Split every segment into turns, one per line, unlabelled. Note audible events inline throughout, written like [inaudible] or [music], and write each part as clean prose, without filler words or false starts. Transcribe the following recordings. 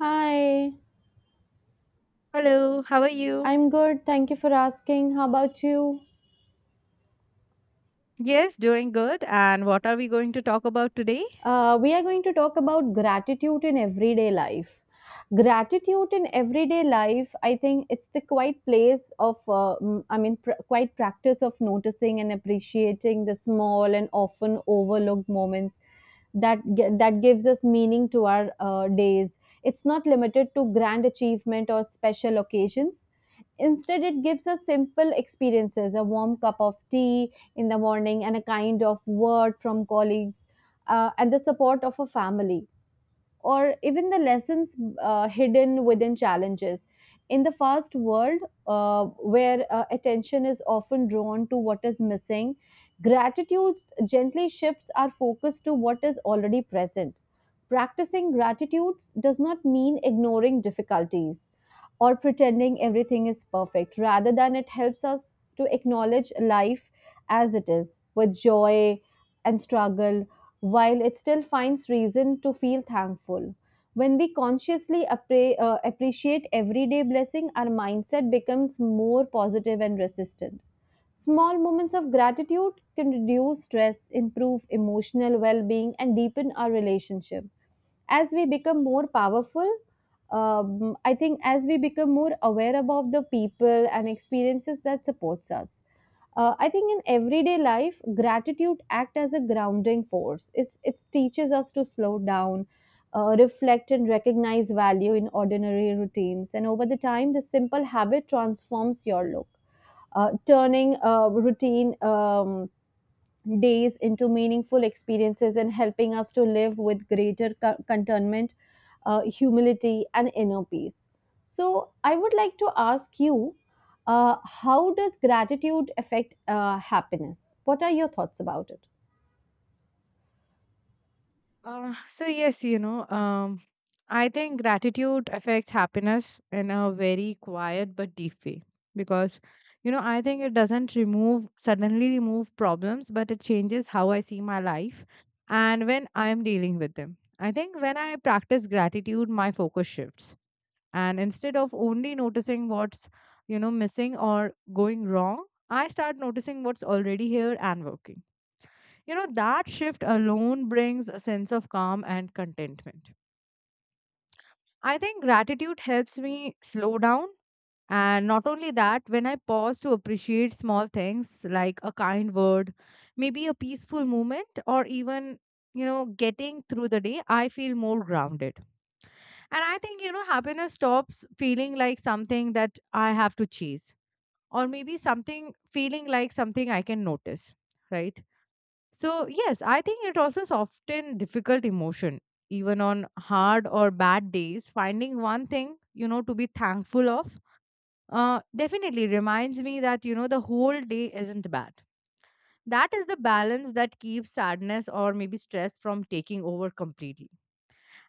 Hi,
Hello, how are you?
I'm good. Thank you for asking. How about you?
Yes, doing good. And what are we going to talk about today?
We are going to talk about gratitude in everyday life. Gratitude in everyday life, I think it's the quiet place of quiet practice of noticing and appreciating the small and often overlooked moments that gives us meaning to our days. It's not limited to grand achievement or special occasions. Instead, it gives us simple experiences: a warm cup of tea in the morning and a kind of word from colleagues, and the support of a family, or even the lessons hidden within challenges. In the fast world, where attention is often drawn to what is missing, gratitude gently shifts our focus to what is already present. Practicing gratitude does not mean ignoring difficulties or pretending everything is perfect. Rather than it helps us to acknowledge life as it is, with joy and struggle, while it still finds reason to feel thankful. When we consciously appreciate everyday blessing, our mindset becomes more positive and resistant. Small moments of gratitude can reduce stress, improve emotional well being, and deepen our relationship as we become more powerful. I think as we become more aware about the people and experiences that supports us. I think in everyday life gratitude act as a grounding force. It teaches us to slow down, reflect and recognize value in ordinary routines, and over the time this simple habit transforms your look, turning routine days into meaningful experiences and helping us to live with greater contentment, humility, and inner peace. So, I would like to ask you, how does gratitude affect happiness? What are your thoughts about it?
So yes, I think gratitude affects happiness in a very quiet but deep way because, I think it doesn't remove suddenly remove problems, but it changes how I see my life and when I'm dealing with them. I think when I practice gratitude, my focus shifts, and instead of only noticing what's missing or going wrong, I start noticing what's already here and working. That shift alone brings a sense of calm and contentment. I think gratitude helps me slow down, and not only that, when I pause to appreciate small things like a kind word, maybe a peaceful moment, or even, getting through the day, I feel more grounded. And I think, happiness stops feeling like something that I have to chase, or maybe something feeling like something I can notice, right? So, yes, I think it also soften difficult emotion. Even on hard or bad days, finding one thing, to be thankful of definitely reminds me that, the whole day isn't bad. That is the balance that keeps sadness or maybe stress from taking over completely.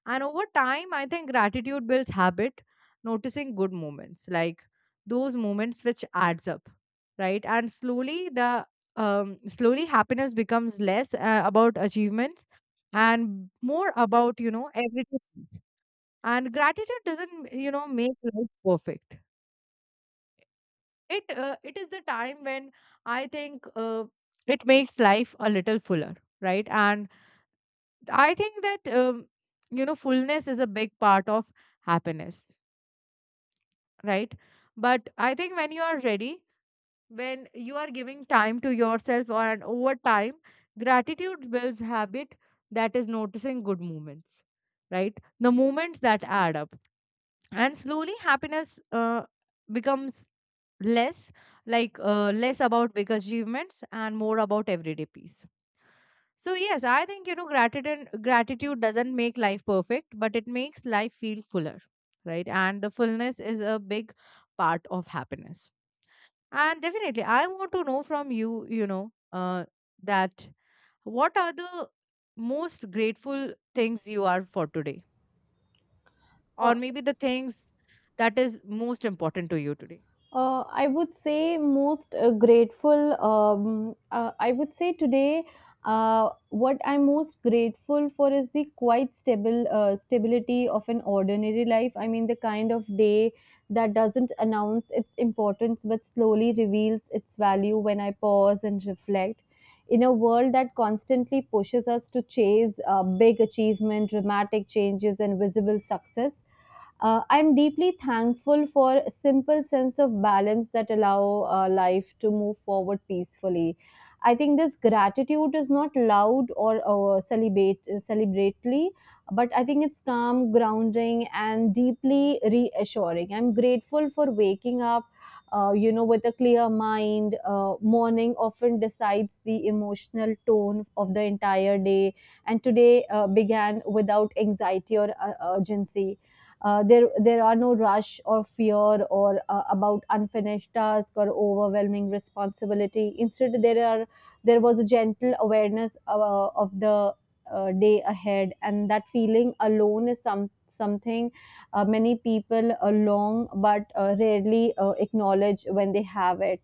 And over time, I think gratitude builds habit, noticing good moments, like those moments which adds up, right? And slowly, the slowly happiness becomes less about achievements and more about, everything. And gratitude doesn't, make life perfect. It is the time when I think it makes life a little fuller, right? And I think that fullness is a big part of happiness, right? But I think when you are ready, when you are giving time to yourself, or and over time, gratitude builds habit, that is noticing good moments, right? The moments that add up and slowly happiness becomes less like less about big achievements and more about everyday peace. So yes, I think gratitude doesn't make life perfect, but it makes life feel fuller, right? And the fullness is a big part of happiness. And definitely I want to know from you, you know that what are the most grateful things you are for today,
Uh,
or maybe the things that is most important to you today.
I would say most grateful. I would say today, what I'm most grateful for is the quite stable stability of an ordinary life. I mean, the kind of day that doesn't announce its importance but slowly reveals its value when I pause and reflect. In a world that constantly pushes us to chase big achievement, dramatic changes, and visible success, I'm deeply thankful for a simple sense of balance that allow life to move forward peacefully. I think this gratitude is not loud or celebrate celebratory, but I think it's calm, grounding, and deeply reassuring. I'm grateful for waking up. You know, with a clear mind, morning often decides the emotional tone of the entire day, and today began without anxiety or urgency. There are no rush or fear or about unfinished task or overwhelming responsibility. Instead, there was a gentle awareness of the day ahead, and that feeling alone is something many people long but rarely acknowledge when they have it.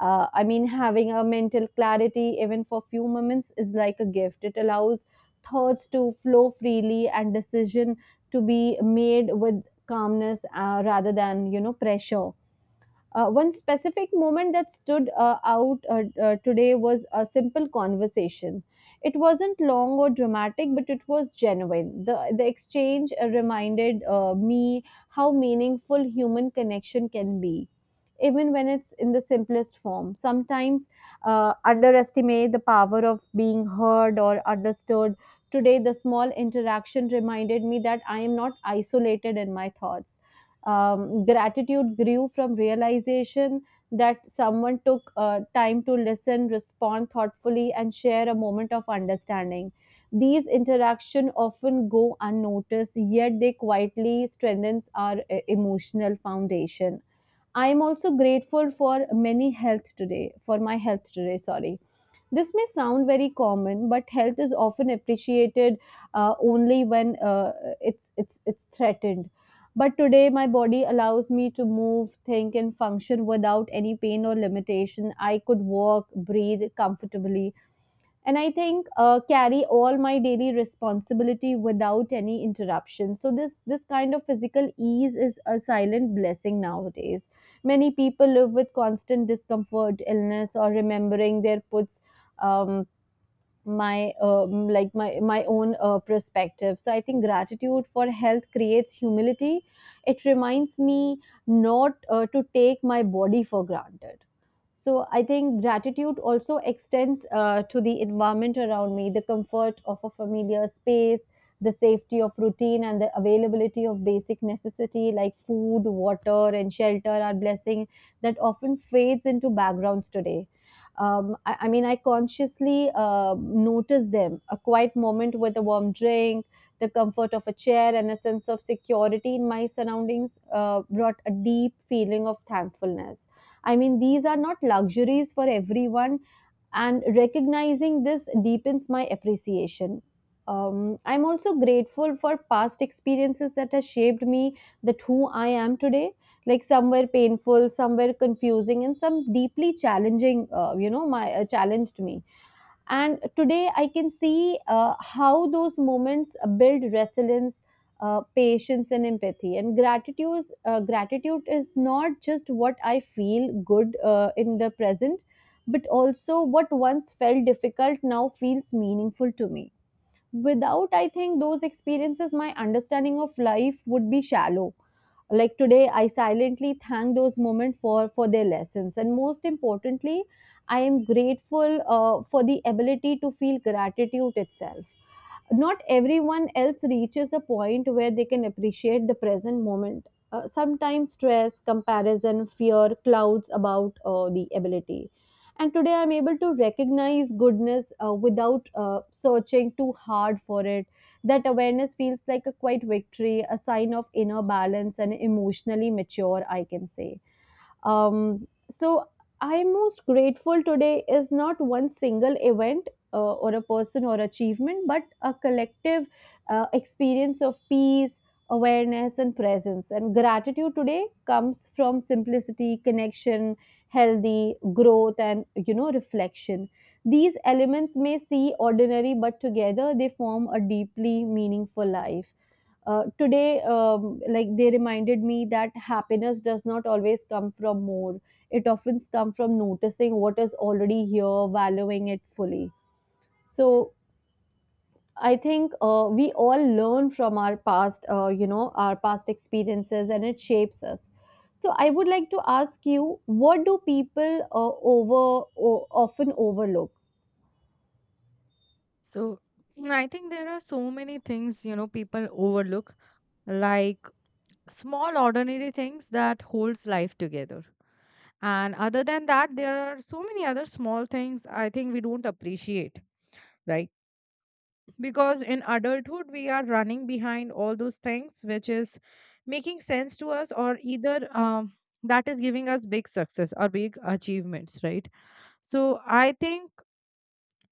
I mean having a mental clarity even for few moments is like a gift. It allows thoughts to flow freely and decision to be made with calmness rather than, you know, pressure. One specific moment that stood out today was a simple conversation. It wasn't long or dramatic, but it was genuine. The exchange reminded me how meaningful human connection can be, even when it's in the simplest form. Sometimes underestimate the power of being heard or understood. Today, the small interaction reminded me that I am not isolated in my thoughts. Gratitude grew from realization that someone took time to listen, respond thoughtfully, and share a moment of understanding. These interactions often go unnoticed, yet they quietly strengthens our emotional foundation. I am also grateful for many health today, for my health today, sorry, this may sound very common, but health is often appreciated only when it's threatened. But today, my body allows me to move, think, and function without any pain or limitation. I could walk, breathe comfortably, and I think carry all my daily responsibility without any interruption. So this kind of physical ease is a silent blessing. Nowadays many people live with constant discomfort, illness, or remembering their puts. Um, my um, like my my own uh, perspective, so I think gratitude for health creates humility. It reminds me not to take my body for granted. So I think gratitude also extends to the environment around me: the comfort of a familiar space, the safety of routine, and the availability of basic necessity like food, water, and shelter are blessing that often fades into backgrounds today. I mean, I consciously notice them. A quiet moment with a warm drink, the comfort of a chair, and a sense of security in my surroundings brought a deep feeling of thankfulness. I mean, these are not luxuries for everyone, and recognizing this deepens my appreciation. I'm also grateful for past experiences that has shaped me, that who I am today. Like, some were painful, some were confusing, and some deeply challenging. My challenged me, and today I can see how those moments build resilience, patience, and empathy. And gratitude is not just what I feel good in the present, but also what once felt difficult now feels meaningful to me. Without, I think, those experiences, my understanding of life would be shallow. Like today I silently thank those moments for their lessons. And most importantly, I am grateful for the ability to feel gratitude itself. Not everyone else reaches a point where they can appreciate the present moment. Sometimes stress, comparison, fear clouds about the ability. And today I'm able to recognize goodness without searching too hard for it. That awareness feels like a quiet victory, a sign of inner balance, and emotionally mature, I can say. So I'm most grateful today is not one single event or a person or achievement, but a collective experience of peace, awareness, and presence. And gratitude today comes from simplicity, connection, healthy growth, and, you know, reflection. These elements may seem ordinary, but together they form a deeply meaningful life. Today, like they reminded me that happiness does not always come from more. It often comes from noticing what is already here, valuing it fully. So I think we all learn from our past, you know, our past experiences, and it shapes us. So I would like to ask you, what do people often overlook?
So I think there are so many things, people overlook, like small ordinary things that holds life together. And other than that, there are so many other small things I think we don't appreciate, right? Because in adulthood, we are running behind all those things which is making sense to us, or either that is giving us big success or big achievements, right? So I think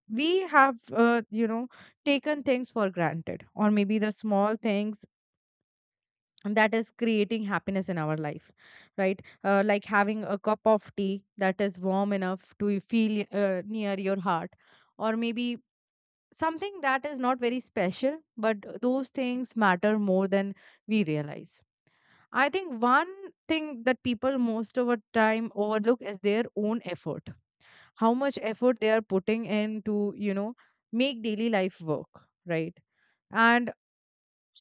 we have taken things for granted, or maybe the small things that is creating happiness in our life, right? Like having a cup of tea that is warm enough to feel near your heart, or maybe something that is not very special, but those things matter more than we realize. I think one thing that people most of the time overlook is their own effort, how much effort they are putting in to, make daily life work, right? And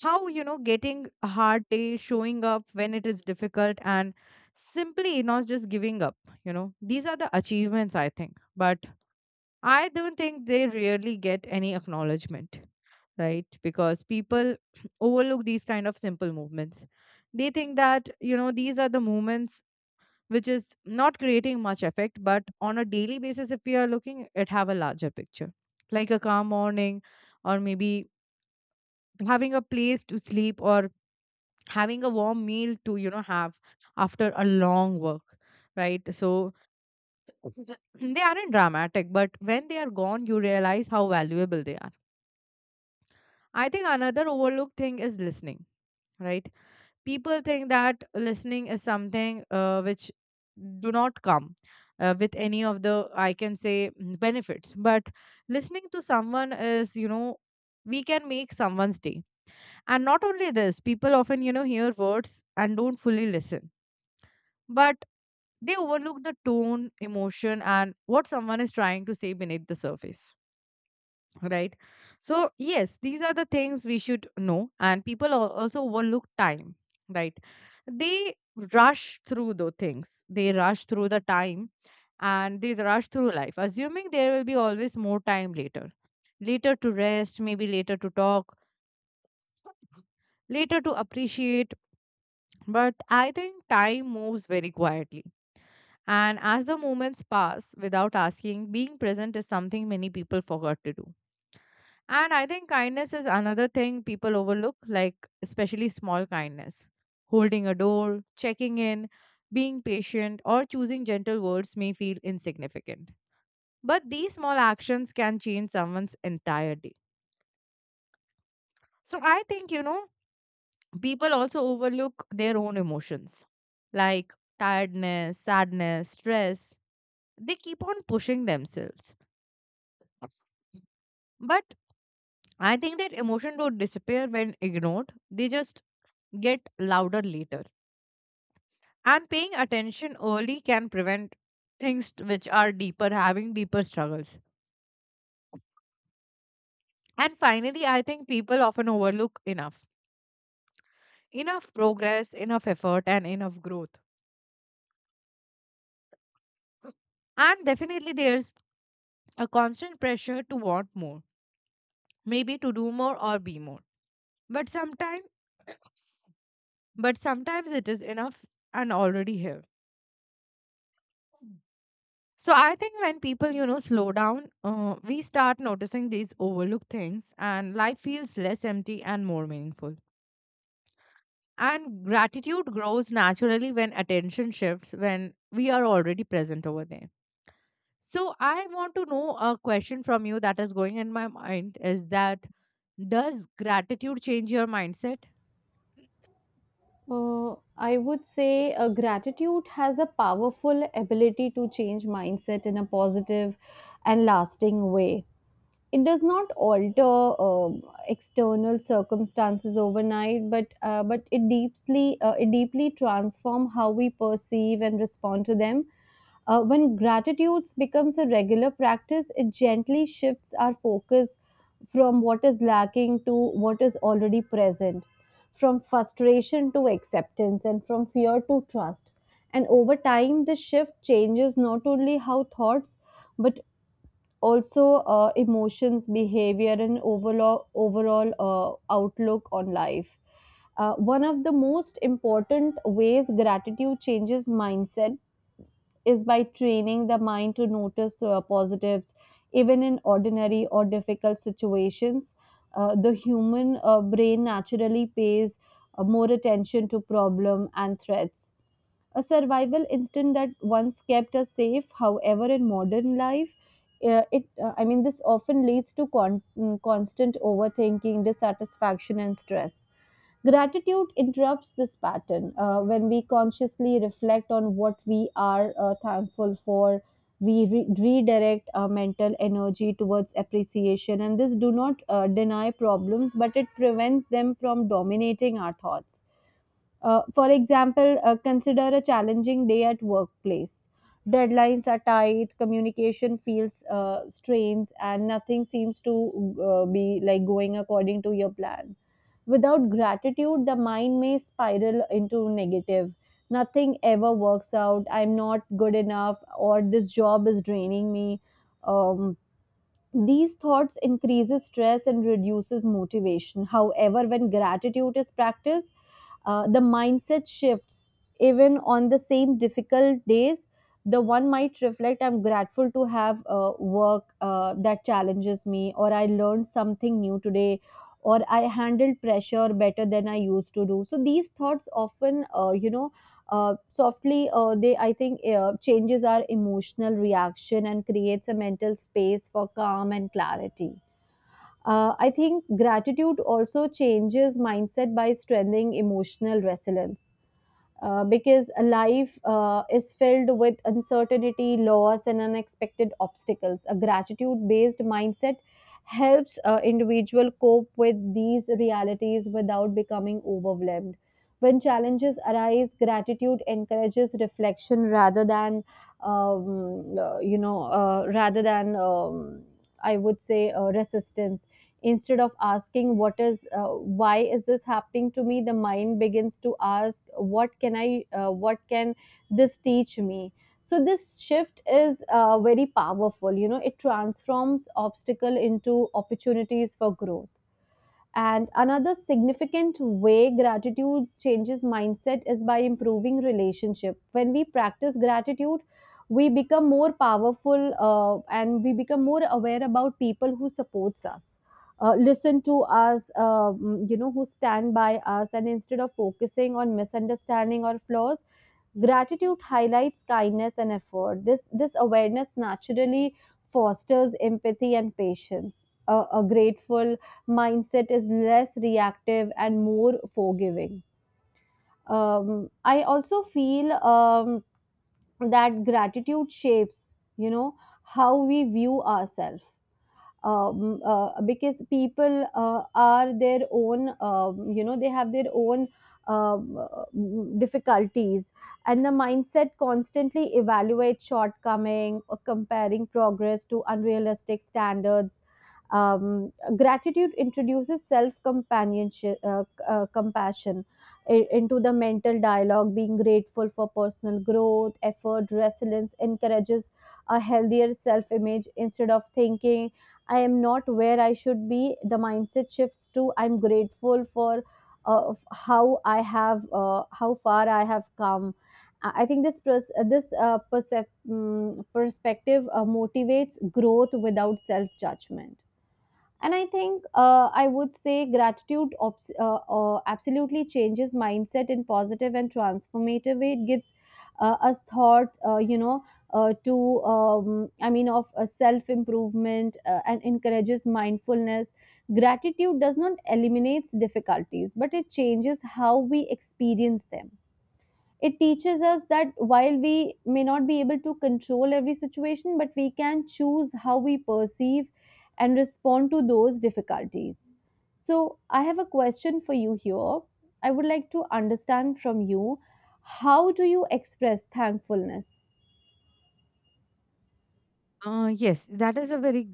how getting a hard day, showing up when it is difficult, and simply not just giving up. These are the achievements I think, but I don't think they really get any acknowledgement, right? Because people [clears throat] overlook these kind of simple movements. They think that, these are the moments which is not creating much effect, but on a daily basis if we are looking, it have a larger picture, like a calm morning, or maybe having a place to sleep, or having a warm meal to, have after a long work, right? So [clears throat] they aren't dramatic, but when they are gone you realize how valuable they are. I think another overlooked thing is listening, right? People think that listening is something which do not come with any of the, I can say, benefits, but listening to someone is, we can make someone's day. And not only this, people often, hear words and don't fully listen, but they overlook the tone, emotion, and what someone is trying to say beneath the surface, right? So yes, these are the things we should know, and people also overlook time, right? They rush through the things, they rush through the time, and they rush through life assuming there will be always more time later, later to rest, maybe later to talk, later to appreciate. But I think time moves very quietly, and as the moments pass without asking, being present is something many people forgot to do. And I think kindness is another thing people overlook, like especially small kindness. Holding a door, checking in, being patient, or choosing gentle words may feel insignificant. But these small actions can change someone's entire day. So I think, people also overlook their own emotions, like tiredness, sadness, stress. They keep on pushing themselves. But I think that emotion don't disappear when ignored, they just get louder later. And paying attention early can prevent which are deeper, having deeper struggles. And finally, I think people often overlook enough. Enough progress, enough effort, and enough growth. And definitely, there's a constant pressure to want more, maybe to do more or be more. But sometimes, but sometimes it is enough and already here. So I think when people, slow down, we start noticing these overlooked things, and life feels less empty and more meaningful. And gratitude grows naturally when attention shifts, when we are already present over there. So, I want to know a question from you that is going in my mind, is that does gratitude change your mindset?
I would say gratitude has a powerful ability to change mindset in a positive and lasting way. It does not alter external circumstances overnight, but it deeply transform how we perceive and respond to them. When gratitude becomes a regular practice, it gently shifts our focus from what is lacking to what is already present, from frustration to acceptance, and from fear to trust. And over time, this shift changes not only how thoughts, but also emotions, behavior, and overall outlook on life. One of the most important ways gratitude changes mindset is by training the mind to notice positives even in ordinary or difficult situations. The human brain naturally pays more attention to problem and threats. A survival instinct that once kept us safe, however, in modern life, it I mean this often leads to constant overthinking, dissatisfaction, and stress. Gratitude interrupts this pattern. When we consciously reflect on what we are thankful for, we redirect our mental energy towards appreciation. And this do not deny problems, but it prevents them from dominating our thoughts. For example, consider a challenging day at workplace. Deadlines are tight, communication feels strains, and nothing seems to be like going according to your plan. Without gratitude, the mind may spiral into negative. Nothing ever works out. I'm not good enough, or this job is draining me. Um, these thoughts increases stress and reduces motivation. However, when gratitude is practiced, the mindset shifts. Even on the same difficult days, the one might reflect, I'm grateful to have work that challenges me, or I learned something new today, or I handled pressure better than I used to do. So these thoughts often, you know uh, softly they I think changes our emotional reaction and creates a mental space for calm and clarity. I think gratitude also changes mindset by strengthening emotional resilience. Because life is filled with uncertainty, loss, and unexpected obstacles. A gratitude based mindset helps individual cope with these realities without becoming overwhelmed. When challenges arise, gratitude encourages reflection rather than, you know, rather than, I would say, resistance instead of asking what is why is this happening to me. The mind begins to ask what can this teach me. So this shift is very powerful. You know, it transforms obstacle into opportunities for growth. And another significant way gratitude changes mindset is by improving relationship. When we practice gratitude, we become more powerful and we become more aware about people who supports us, listen to us, who stand by us. And instead of focusing on misunderstanding or flaws, gratitude highlights kindness and effort. This awareness naturally fosters empathy and patience. A grateful mindset is less reactive and more forgiving. I also feel that gratitude shapes, you know, how we view ourselves. Because people are their own, you know, they have their own um, uh, difficulties. And the mindset constantly evaluates shortcoming or comparing progress to unrealistic standards. Gratitude introduces self companionship, compassion into the mental dialogue. Being grateful for personal growth, effort, resilience encourages a healthier self image. Instead of thinking I am not where I should be, the mindset shifts to I'm grateful for how far I have come. I think this perspective motivates growth without self judgment. And I think I would say gratitude absolutely changes mindset in positive and transformative way. It gives us thought, you know, to, I mean, of self improvement and encourages mindfulness. Gratitude does not eliminate difficulties, but it changes how we experience them. It teaches us that while we may not be able to control every situation, but we can choose how we perceive and respond to those difficulties. So, I have a question for you here. I would like to understand from you, how do you express thankfulness?
Yes, that is a very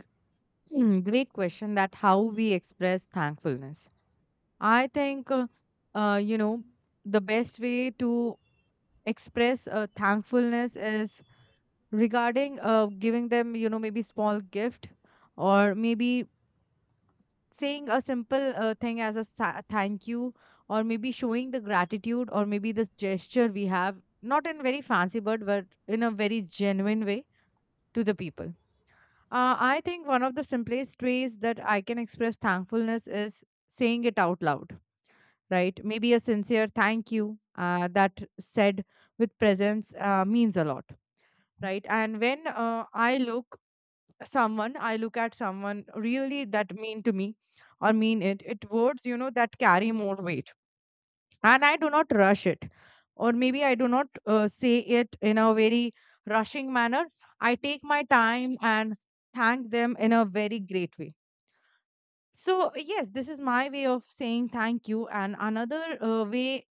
Great question, that how we express thankfulness. I think, uh, you know, the best way to express thankfulness is regarding giving them, maybe small gift, or maybe saying a simple thing as a thank you, or maybe showing the gratitude, or maybe this gesture we have, not in very fancy, but in a very genuine way to the people. I think one of the simplest ways that I can express thankfulness is saying it out loud, right? Maybe a sincere thank you that said with presence means a lot, right? And when I look someone, I look at someone really that mean to me, or mean it, it words, that carry more weight. And I do not rush it. Or maybe I do not say it in a very rushing manner. I take my time and thank them in a very great way. So, yes, this is my way of saying thank you. And another way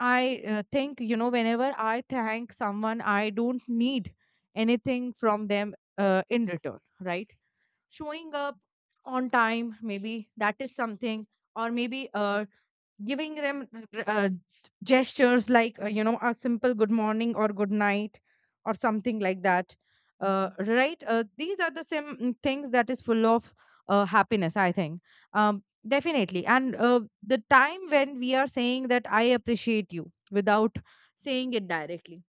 I think, whenever I thank someone, I don't need anything from them in return, right? Showing up on time, maybe that is something, or maybe giving them gestures like, a simple good morning or good night, or something like that, right. These are the same things that is full of happiness, I think. Definitely. And the time when we are saying that I appreciate you without saying it directly.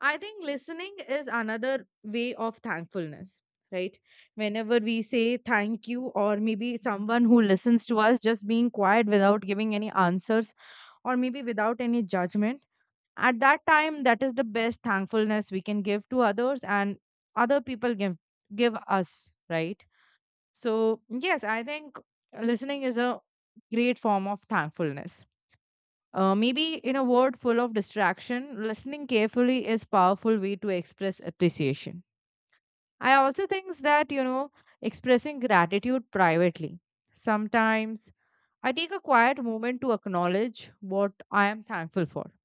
I think listening is another way of thankfulness, right? Whenever we say thank you, or maybe someone who listens to us just being quiet without giving any answers, or maybe without any judgment, at that time, that is the best thankfulness we can give to others, and other people give us, right? So, yes, I think listening is a great form of thankfulness. Maybe in a world full of distraction, listening carefully is powerful way to express appreciation. I also think that, expressing gratitude privately. Sometimes I take a quiet moment to acknowledge what I am thankful for.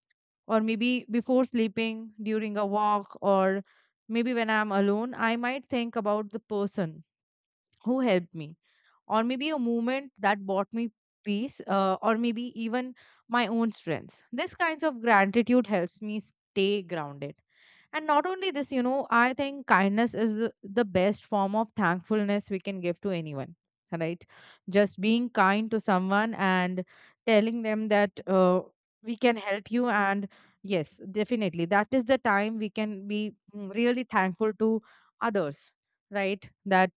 Or maybe before sleeping, during a walk, or maybe when I'm alone, I might think about the person who helped me, or maybe a moment that brought me peace, or maybe even my own strengths. This kinds of gratitude helps me stay grounded. And not only this, I think kindness is the best form of thankfulness we can give to anyone, right? Just being kind to someone and telling them that, we can help you. And yes, definitely that is the time we can be really thankful to others, right? That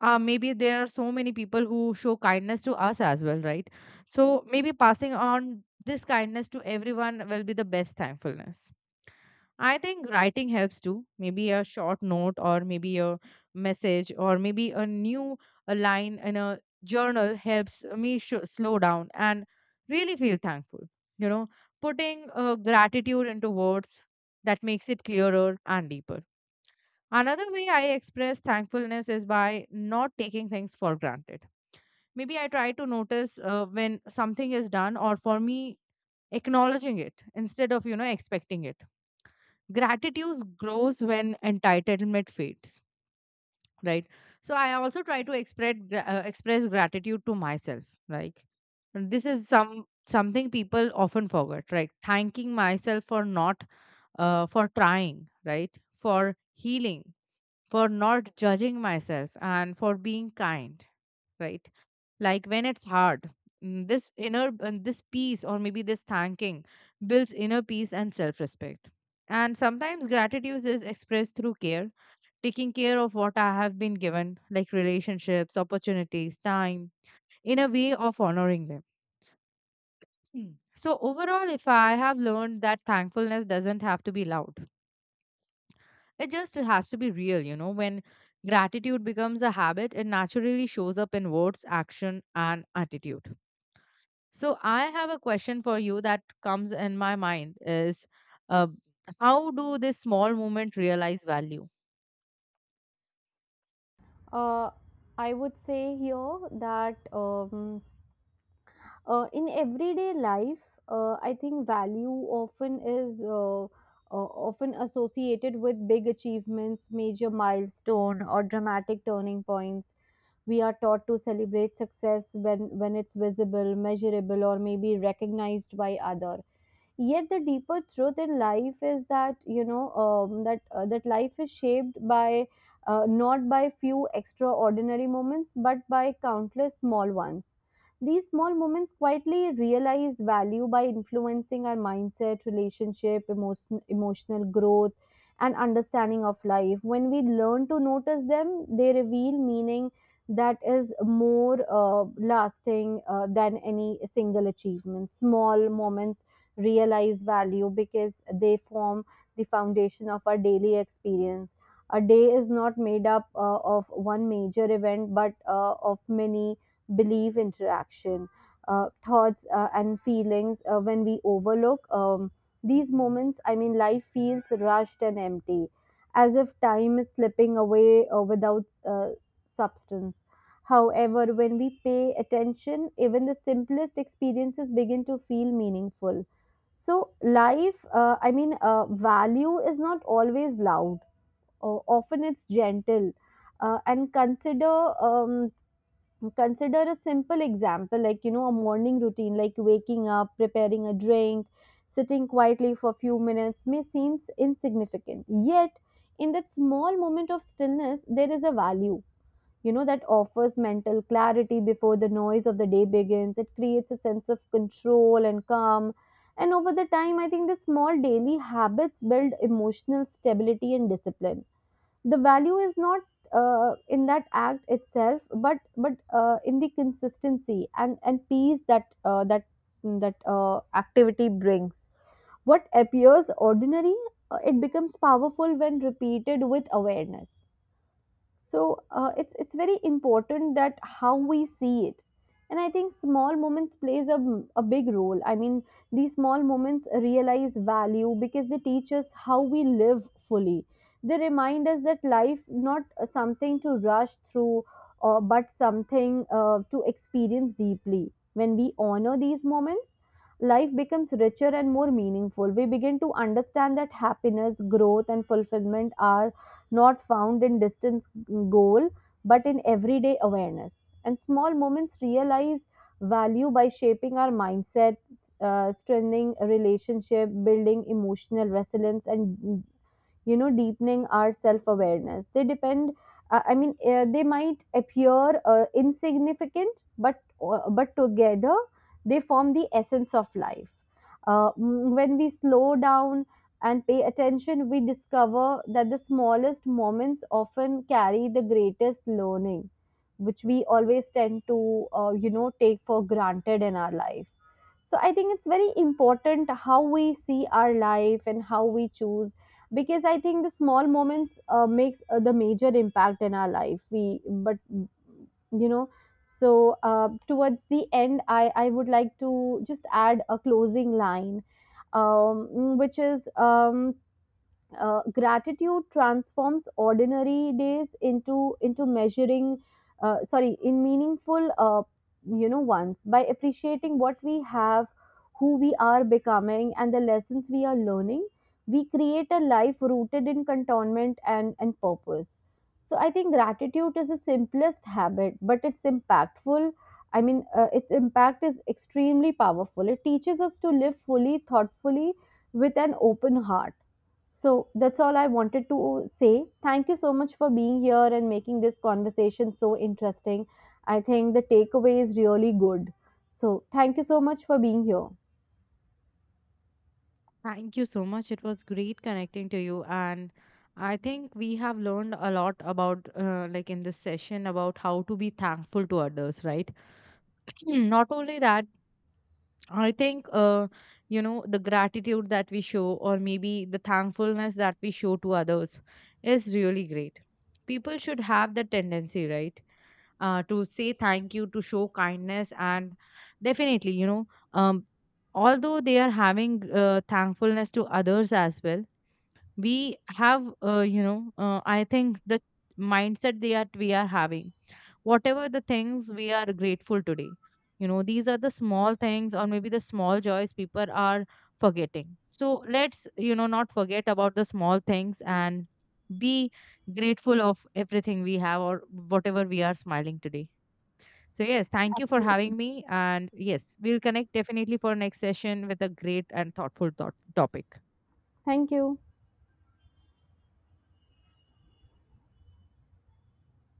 maybe there are so many people who show kindness to us as well, right? So maybe passing on this kindness to everyone will be the best thankfulness. I think writing helps too. Maybe a short note, or maybe a message, or maybe a line in a journal helps me slow down and really feel thankful. You know, putting gratitude into words, that makes it clearer and deeper. Another way I express thankfulness is by not taking things for granted. Maybe I try to notice when something is done or for me, acknowledging it instead of, expecting it. Gratitude grows when entitlement fades, right? So I also try to express gratitude to myself, like this is something people often forget, right? Thanking myself for not for trying, right? For healing, for not judging myself, and for being kind, right? Like when it's hard, this inner and this peace, or maybe this thanking builds inner peace and self-respect. And sometimes gratitude is expressed through care, taking care of what I have been given, like relationships, opportunities, time, in a way of honoring them. Hmm. So overall, if I have learned that thankfulness doesn't have to be loud, it just has to be real, you know. When gratitude becomes a habit, it naturally shows up in words, action, and attitude. So, I have a question for you that comes in my mind is, uh, how do this small moment realize value?
Uh, I would say here that in everyday life I think value often is often associated with big achievements, major milestone, or dramatic turning points. We are taught to celebrate success when it's visible, measurable, or maybe recognized by other. Yet the deeper truth in life is that, that life is shaped by not by few extraordinary moments, but by countless small ones. These small moments quietly realize value by influencing our mindset, relationship, emotion, emotional growth, and understanding of life. When we learn to notice them, they reveal meaning that is more lasting than any single achievement. Small moments realize value because they form the foundation of our daily experience. A day is not made up of one major event, but of many belief interaction, thoughts and feelings. When we overlook these moments, I mean, life feels rushed and empty, as if time is slipping away without substance. However, when we pay attention, even the simplest experiences begin to feel meaningful. So, life, value is not always loud. Often it's gentle. And consider Consider a simple example, like, you know, a morning routine, like waking up, preparing a drink, sitting quietly for a few minutes, may seems insignificant. Yet, in that small moment of stillness, there is a value, you know, that offers mental clarity before the noise of the day begins. It creates a sense of control and calm. And over the time, I think the small daily habits build emotional stability and discipline. The value is not in that act itself, but but in the consistency and peace that activity brings. What appears ordinary it becomes powerful when repeated with awareness. So it's very important that how we see it. And I think small moments plays a big role. I mean, these small moments realize value because they teach us how we live fully. They remind us that life not something to rush through, or but something to experience deeply. When we honor these moments, life becomes richer and more meaningful. We begin to understand that happiness, growth, and fulfillment are not found in distance goal, but in everyday awareness. And small moments realize value by shaping our mindset, strengthening a relationship, building emotional resilience, and, you know, deepening our self awareness. They depend uh, i mean uh, they might appear insignificant, but but together they form the essence of life. When we slow down and pay attention, we discover that the smallest moments often carry the greatest learning, which we always tend to, you know, take for granted in our life. So I think it's very important how we see our life and how we choose. Because I think the small moments makes the major impact in our life. We but You know, so towards the end, I would like to just add a closing line, um, which is, gratitude transforms ordinary days into measuring sorry in meaningful ones. By appreciating what we have, who we are becoming, and the lessons we are learning, we create a life rooted in contentment and purpose. So I think gratitude is the simplest habit, but it's impactful. Its impact is extremely powerful. It teaches us to live fully, thoughtfully, with an open heart. So that's all I wanted to say. Thank you so much for being here and making this conversation so interesting. I think the takeaway is really good. So thank you so much for being here.
Thank you so much. It was great connecting to you. And I think we have learned a lot about, like in this session, about how to be thankful to others, right? [clears throat] Not only that, I think, the gratitude that we show, or maybe the thankfulness that we show to others, is really great. People should have the tendency, right, to say thank you, to show kindness, and definitely, um, although they are having thankfulness to others as well, we have, I think the mindset that we are having, whatever the things we are grateful today, you know these are the small things, or maybe the small joys people are forgetting. So let's, you know, not forget about the small things and be grateful of everything we have, or whatever we are smiling today. So yes, thank you for
Absolutely.
having me, and yes, we'll connect definitely for next session with a great and thoughtful thought topic.
Thank you.